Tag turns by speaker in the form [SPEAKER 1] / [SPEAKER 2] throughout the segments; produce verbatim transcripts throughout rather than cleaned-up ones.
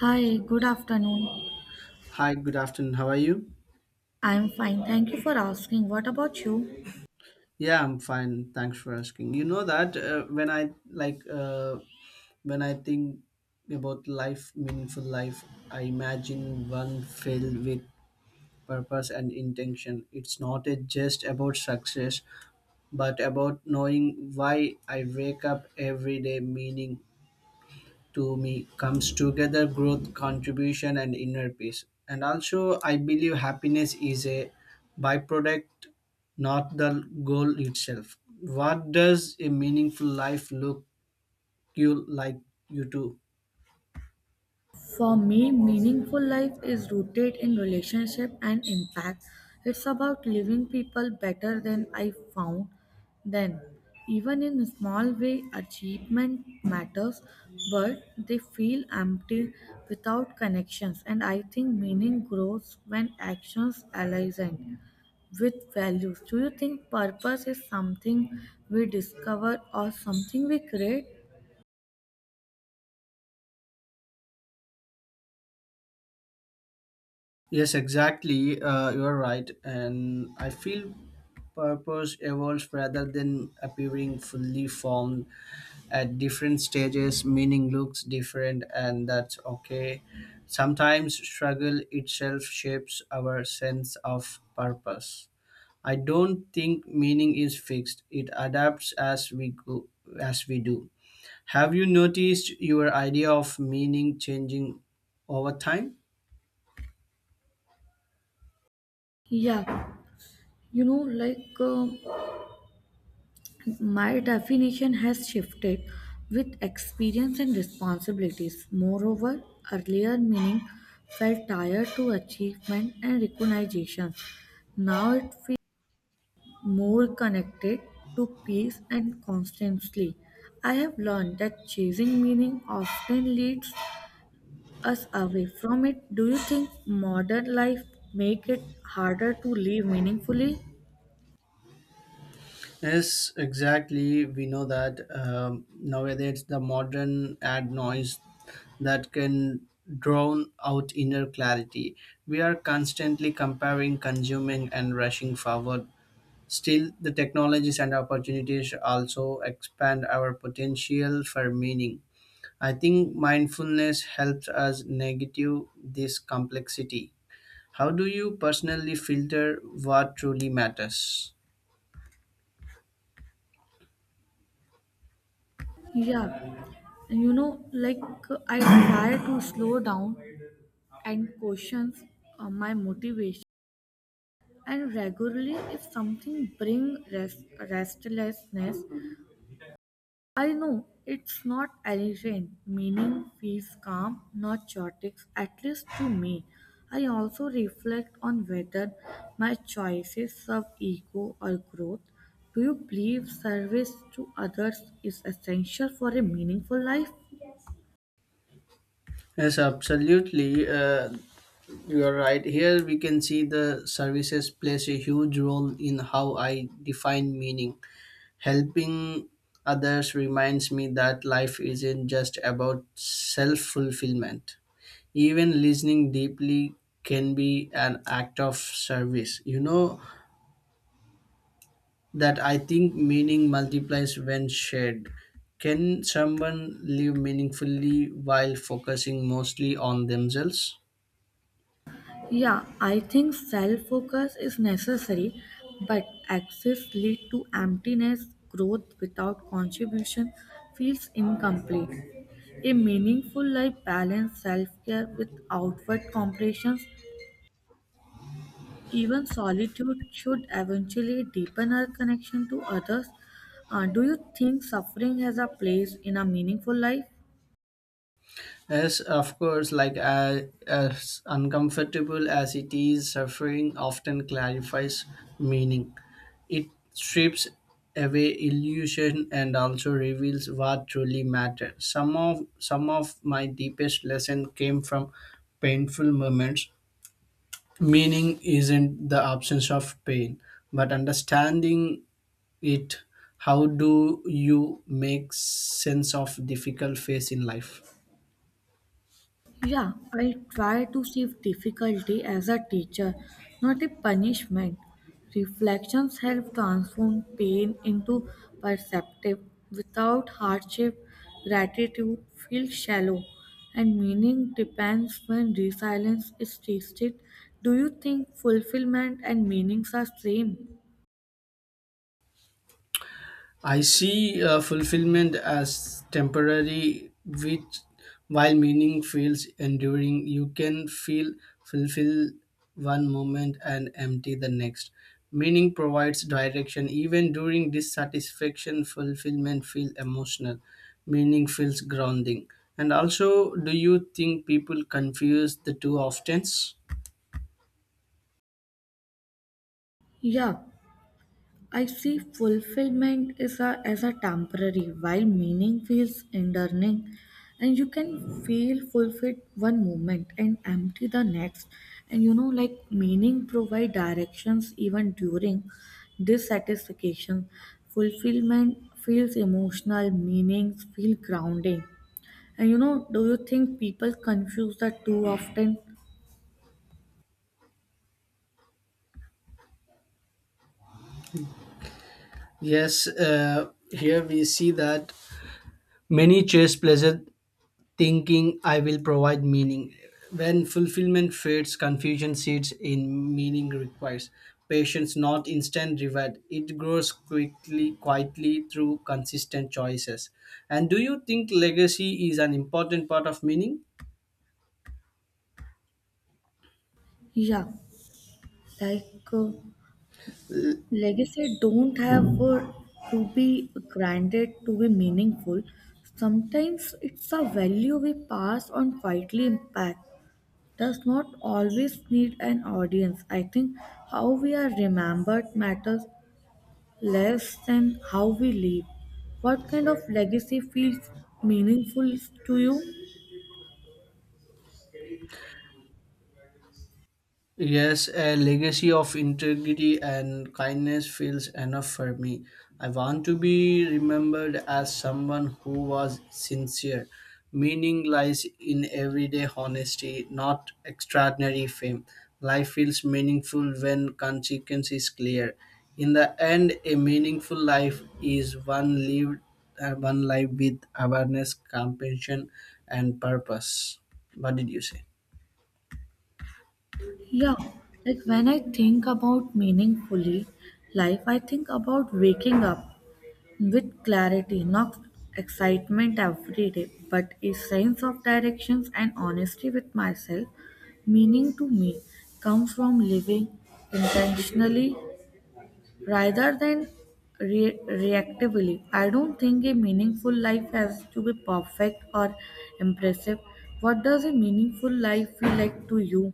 [SPEAKER 1] Hi, good afternoon.
[SPEAKER 2] Hi, good afternoon. How are you?
[SPEAKER 1] I'm fine. Thank you for asking. What about you?
[SPEAKER 2] Yeah, I'm fine. Thanks for asking. You know that uh, when I like uh, when I think about life, meaningful life. I imagine one filled with purpose and intention. It's not a just about success, but about knowing why I wake up every day. Meaning to me comes together growth contribution and inner peace, and also I believe happiness is a byproduct, not the goal itself. What does a meaningful life look you like you to?
[SPEAKER 1] For me, meaningful life is rooted in relationship and impact. It's about living people better than I found then. Even in a small way, achievement matters, but they feel empty without connections. And I think meaning grows when actions align with values. Do you think purpose is something we discover or something we create?
[SPEAKER 2] Yes, exactly. Uh, you are right, and I feel purpose evolves rather than appearing fully formed. At different stages meaning looks different, and that's okay. Sometimes struggle itself shapes our sense of purpose. I don't think meaning is fixed, it adapts as we go, as we do. Have you noticed your idea of meaning changing over time?
[SPEAKER 1] Yeah, you know, like. um My definition has shifted with experience and responsibilities. Moreover, earlier meaning felt tied to achievement and recognition. Now it feels more connected to peace and constancy. I have learned that chasing meaning often leads us away from it. Do you think modern life make it harder to live meaningfully?
[SPEAKER 2] Yes, exactly. We know that um, Nowadays the modern ad noise that can drown out inner clarity. We are constantly comparing, consuming, and rushing forward. Still, the technologies and opportunities also expand our potential for meaning. I think mindfulness helps us negative this complexity. How do you personally filter what truly matters?
[SPEAKER 1] Yeah, and you know, like I try to slow down and question uh, my motivation. And regularly, if something brings rest, restlessness, I know it's not arranged. Meaning feels calm, not chaotic, at least to me. I also reflect on whether my choices serve ego or growth. Do you believe service to others is essential for a meaningful life?
[SPEAKER 2] Yes, absolutely. Uh, You are right. Here we can see the services plays a huge role in how I define meaning. Helping others reminds me that life isn't just about self fulfillment. Even listening deeply can be an act of service. You know that I think meaning multiplies when shared. Can someone live meaningfully while focusing mostly on themselves?
[SPEAKER 1] Yeah, I think self focus is necessary, but excess lead to emptiness. Growth without contribution feels incomplete. A meaningful life balance self care with outward comparisons. Even solitude should eventually deepen our connection to others. Uh, do you think suffering has a place in a meaningful life?
[SPEAKER 2] Yes, of course, like uh, as uncomfortable as it is, suffering often clarifies meaning. It strips away illusion and also reveals what truly matters. Some of some of my deepest lesson came from painful moments. Meaning isn't the absence of pain, but understanding it. How do you make sense of difficult phase in life?
[SPEAKER 1] Yeah, I try to see difficulty as a teacher, not a punishment. Reflections help transform pain into perceptive. Without hardship, gratitude feels shallow, and meaning depends when resilience is tasted. Do you think fulfillment and meanings are same?
[SPEAKER 2] I see uh, fulfillment as temporary, which while meaning feels enduring, you can feel fulfill one moment and empty the next. Meaning provides direction. Even during dissatisfaction, fulfillment feels emotional. Meaning feels grounding. And also, do you think people confuse the two often?
[SPEAKER 1] Yeah, I see fulfillment is a, as a temporary, while meaning feels enduring, and you can feel fulfilled one moment and empty the next. And you know, like meaning provide directions even during dissatisfaction. Fulfillment feels emotional, meanings feel grounding. And you know, do you think people confuse the two often?
[SPEAKER 2] Yes, uh, here we see that many chase pleasure thinking I will provide meaning. When fulfillment fades, confusion seeds in meaning requires patience, not instant reward. It grows quickly, quietly through consistent choices. And do you think legacy is an important part of meaning?
[SPEAKER 1] Yeah, like. Uh, Legacy don't have uh, to be granted to be meaningful. Sometimes it's a value we pass on quietly impact does not always need an audience. I think how we are remembered matters less than how we live. What kind of legacy feels meaningful to you?
[SPEAKER 2] Yes, a legacy of integrity and kindness feels enough for me. I want to be remembered as someone who was sincere. Meaning lies in everyday honesty, not extraordinary fame. Life feels meaningful when consequence is clear. In the end, a meaningful life is one lived, uh, one life with awareness, compassion, and purpose. What did you say?
[SPEAKER 1] Yeah, like when I think about meaningfully life, I think about waking up with clarity, not excitement every day, but a sense of directions and honesty with myself, meaning to me comes from living intentionally rather than re- reactively. I don't think a meaningful life has to be perfect or impressive. What does a meaningful life feel like to you?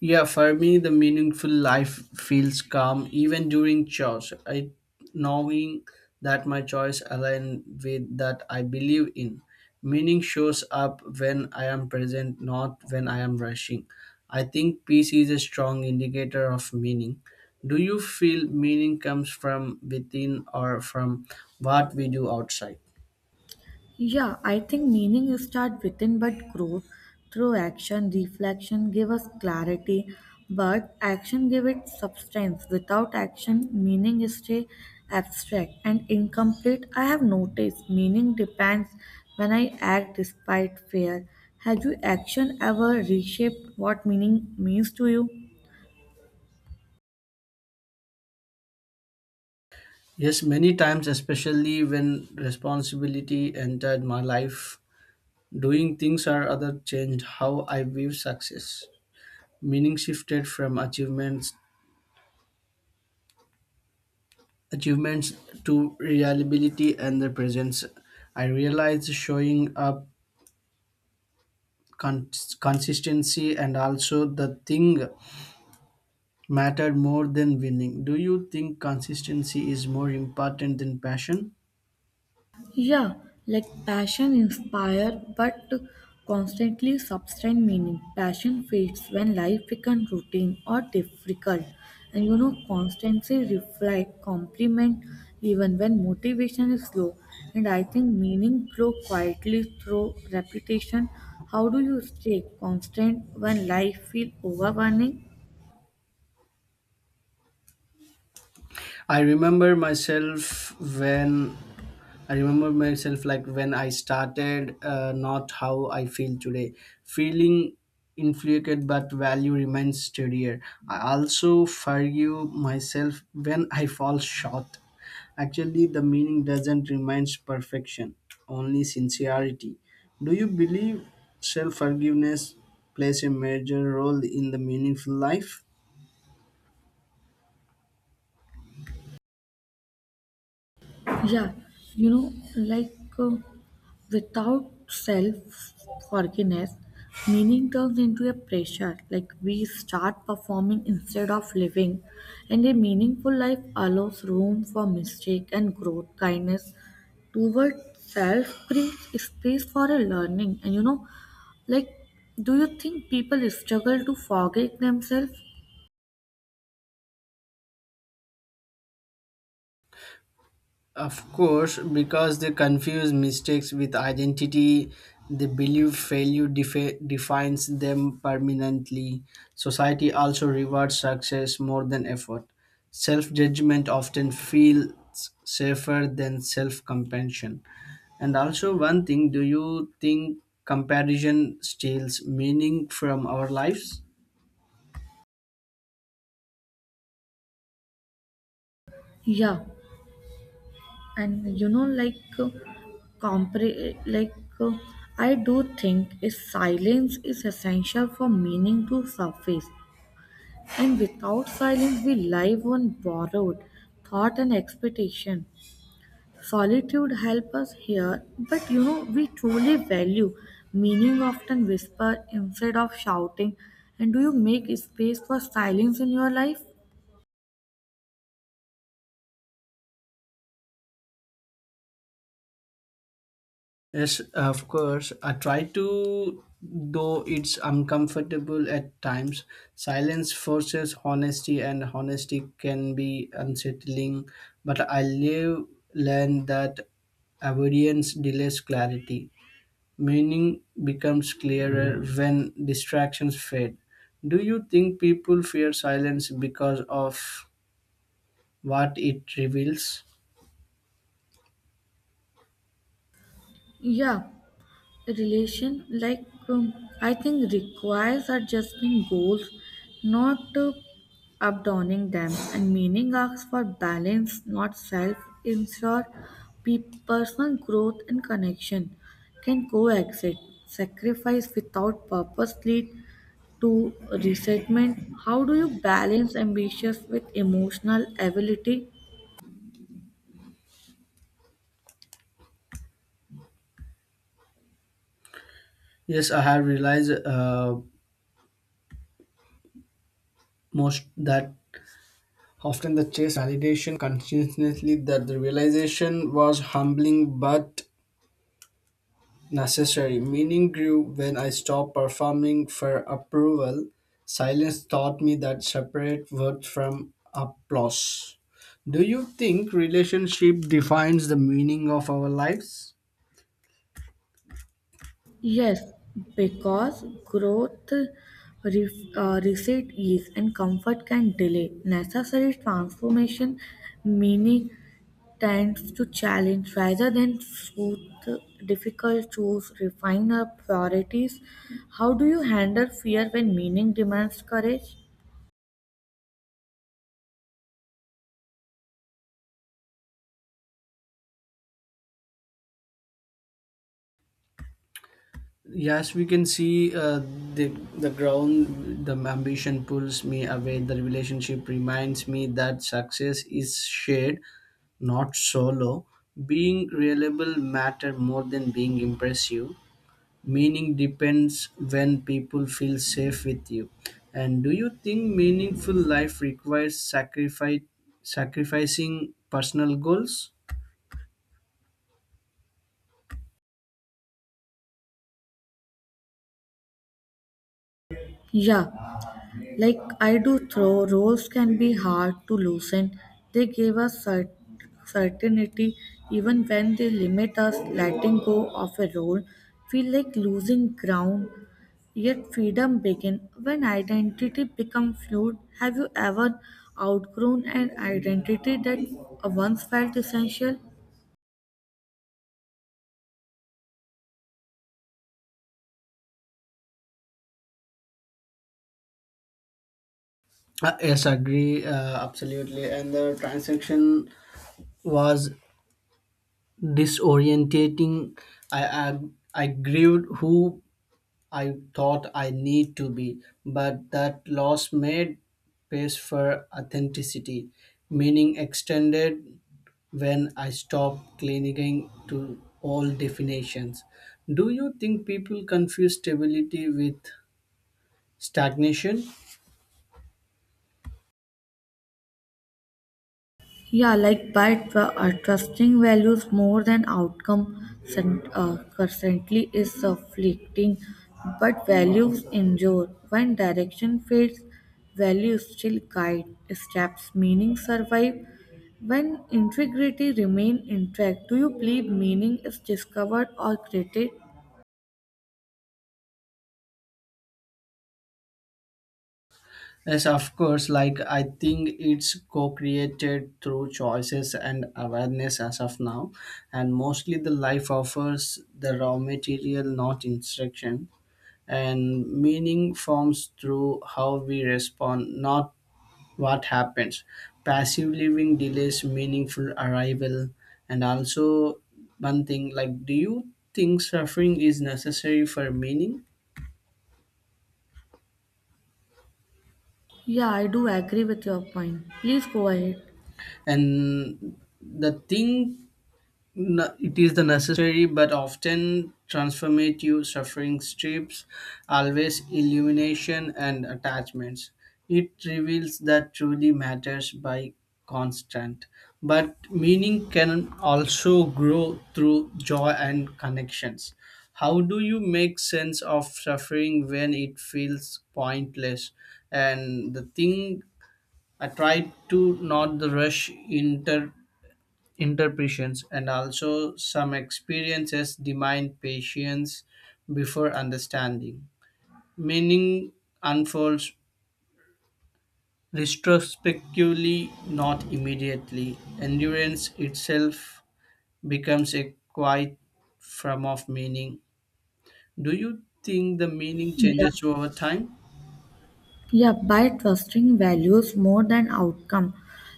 [SPEAKER 2] Yeah, for me, the meaningful life feels calm even during chores. I knowing that my choice align with that I believe in. Meaning shows up when I am present, not when I am rushing. I think peace is a strong indicator of meaning. Do you feel meaning comes from within or from what we do outside?
[SPEAKER 1] Yeah, I think meaning is start within but grow through action. Reflection give us clarity, but action give it substance. Without action, meaning is stay abstract and incomplete. I have noticed meaning depends when I act despite fear. Have you action ever reshaped what meaning means to you?
[SPEAKER 2] Yes, many times, especially when responsibility entered my life. Doing things are other changed how I view success. Meaning shifted from achievements achievements to reliability and the presence. I realized showing up con- consistency and also the thing mattered more than winning. Do you think consistency is more important than passion?
[SPEAKER 1] Yeah, like passion inspire but constantly sustain meaning. Passion fades when life becomes routine or difficult. And you know, constancy reflect, complement even when motivation is low. And I think meaning grow quietly through repetition. How do you stay constant when life feel overwhelming?
[SPEAKER 2] I remember myself when I remember myself like when I started, uh, not how I feel today. Feeling inflicted, but value remains steadier. I also forgive myself when I fall short. Actually, the meaning doesn't remain perfection, only sincerity. Do you believe self forgiveness plays a major role in the meaningful life?
[SPEAKER 1] Yeah, you know, like uh, without self forgiveness, meaning turns into a pressure. Like we start performing instead of living, and a meaningful life allows room for mistake and growth. Kindness toward self brings space for a learning, and you know, like, do you think people struggle to forgive themselves?
[SPEAKER 2] Of course, because they confuse mistakes with identity, they believe failure defi- defines them permanently. Society also rewards success more than effort. Self judgment often feels safer than self compassion. And also, one thing, do you think comparison steals meaning from our lives?
[SPEAKER 1] Yeah, and you know like uh, compre- like uh, I do think is silence is essential for meaning to surface, and without silence we live on borrowed thought and expectation. Solitude help us here, but you know we truly value meaning often whisper instead of shouting. And do you make space for silence in your life?
[SPEAKER 2] Yes, of course. I try to, though it's uncomfortable at times. Silence forces honesty, and honesty can be unsettling. But I live learn that avoidance delays clarity. Meaning becomes clearer when distractions fade. Do you think people fear silence because of what it reveals?
[SPEAKER 1] Yeah relation like um, I think requires adjusting goals, not uh, abandoning them, and meaning asks for balance, not self ensure. Pe- personal growth and connection can coexist. Sacrifice without purpose lead to resentment. How do you balance ambitions with emotional ability?
[SPEAKER 2] Yes, I have realized uh, most that often the chase validation continuously that the realization was humbling but necessary. Meaning grew when I stopped performing for approval. Silence taught me that separate worth from applause. Do you think relationship defines the meaning of our lives?
[SPEAKER 1] Yes, because growth, ref- uh, receipt, ease, and comfort can delay necessary transformation, meaning tends to challenge rather than soothe. Difficult choose refine our priorities. How do you handle fear when meaning demands courage?
[SPEAKER 2] Yes, we can see uh, the the ground. The ambition pulls me away. The relationship reminds me that success is shared, not solo. Being reliable matter more than being impressive. Meaning depends when people feel safe with you. And do you think meaningful life requires sacrifice, sacrificing personal goals?
[SPEAKER 1] Yeah, like I do throw roles can be hard to loosen. They give us cert certainty even when they limit us. Letting go of a role feel like losing ground. Yet freedom begin when identity become fluid. Have you ever outgrown an identity that once felt essential?
[SPEAKER 2] Uh, yes, agree, uh, absolutely. And the transaction was disorientating. I, I I grieved who I thought I need to be, but that loss made space for authenticity. Meaning extended when I stopped clinging to all definitions. Do you think people confuse stability with stagnation?
[SPEAKER 1] Yeah, like by tr- uh, trusting values more than outcome cent- uh, constantly is uh, but values endure. When direction fades, values still guide steps, meaning survive. When integrity remain intact, do you believe meaning is discovered or created?
[SPEAKER 2] Yes, of course. Like, I think it's co created through choices and awareness as of now. And mostly the life offers the raw material, not instruction. And meaning forms through how we respond, not what happens. Passive living delays meaningful arrival. And also, one thing, like, do you think suffering is necessary for meaning?
[SPEAKER 1] Yeah, I do agree with your point. Please go ahead.
[SPEAKER 2] And the thing, no, it is the necessary but often transformative suffering strips, always illumination and attachments. It reveals that truly matters by constant. But meaning can also grow through joy and connections. How do you make sense of suffering when it feels pointless? And the thing, I try to not the rush into interpretations, and also some experiences demand patience before understanding. Meaning unfolds retrospectively, not immediately. Endurance itself becomes a quiet form of meaning. Do you think the meaning
[SPEAKER 1] Yeah.
[SPEAKER 2] changes over time?
[SPEAKER 1] Yeah, by trusting values more than outcome,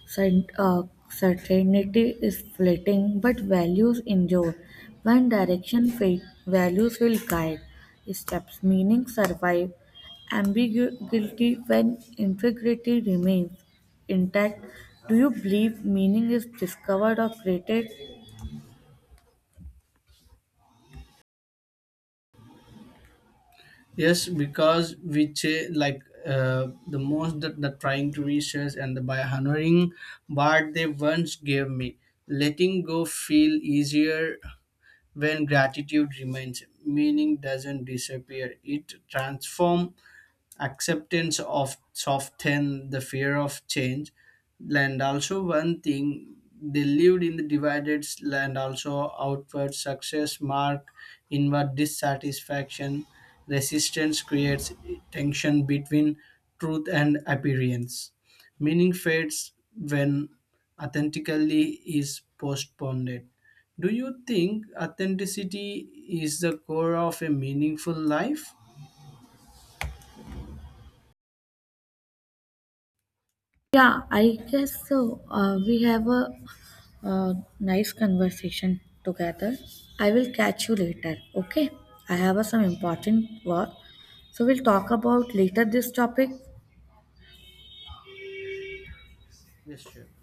[SPEAKER 1] Cert- uh, certainty is fleeting, but values endure. When direction fades, values will guide steps, meaning survive. Ambiguity when integrity remains intact. Do you believe meaning is discovered or created?
[SPEAKER 2] Yes, because we cha- like uh, the most that the trying to research and the by honoring what they once gave me, letting go feel easier when gratitude remains. Meaning doesn't disappear; it transform acceptance of soften the fear of change. And also one thing, they lived in the divided land, also outward success mark inward dissatisfaction. Resistance creates tension between truth and appearance. Meaning fades when authentically is postponed. Do you think authenticity is the core of a meaningful life?
[SPEAKER 1] Yeah, I guess so. Uh, we have a, uh nice conversation together. I will catch you later. Okay, I have uh, some
[SPEAKER 2] Yeah, thank you.
[SPEAKER 1] important work, so we'll talk about later this topic.
[SPEAKER 2] Yes, sure.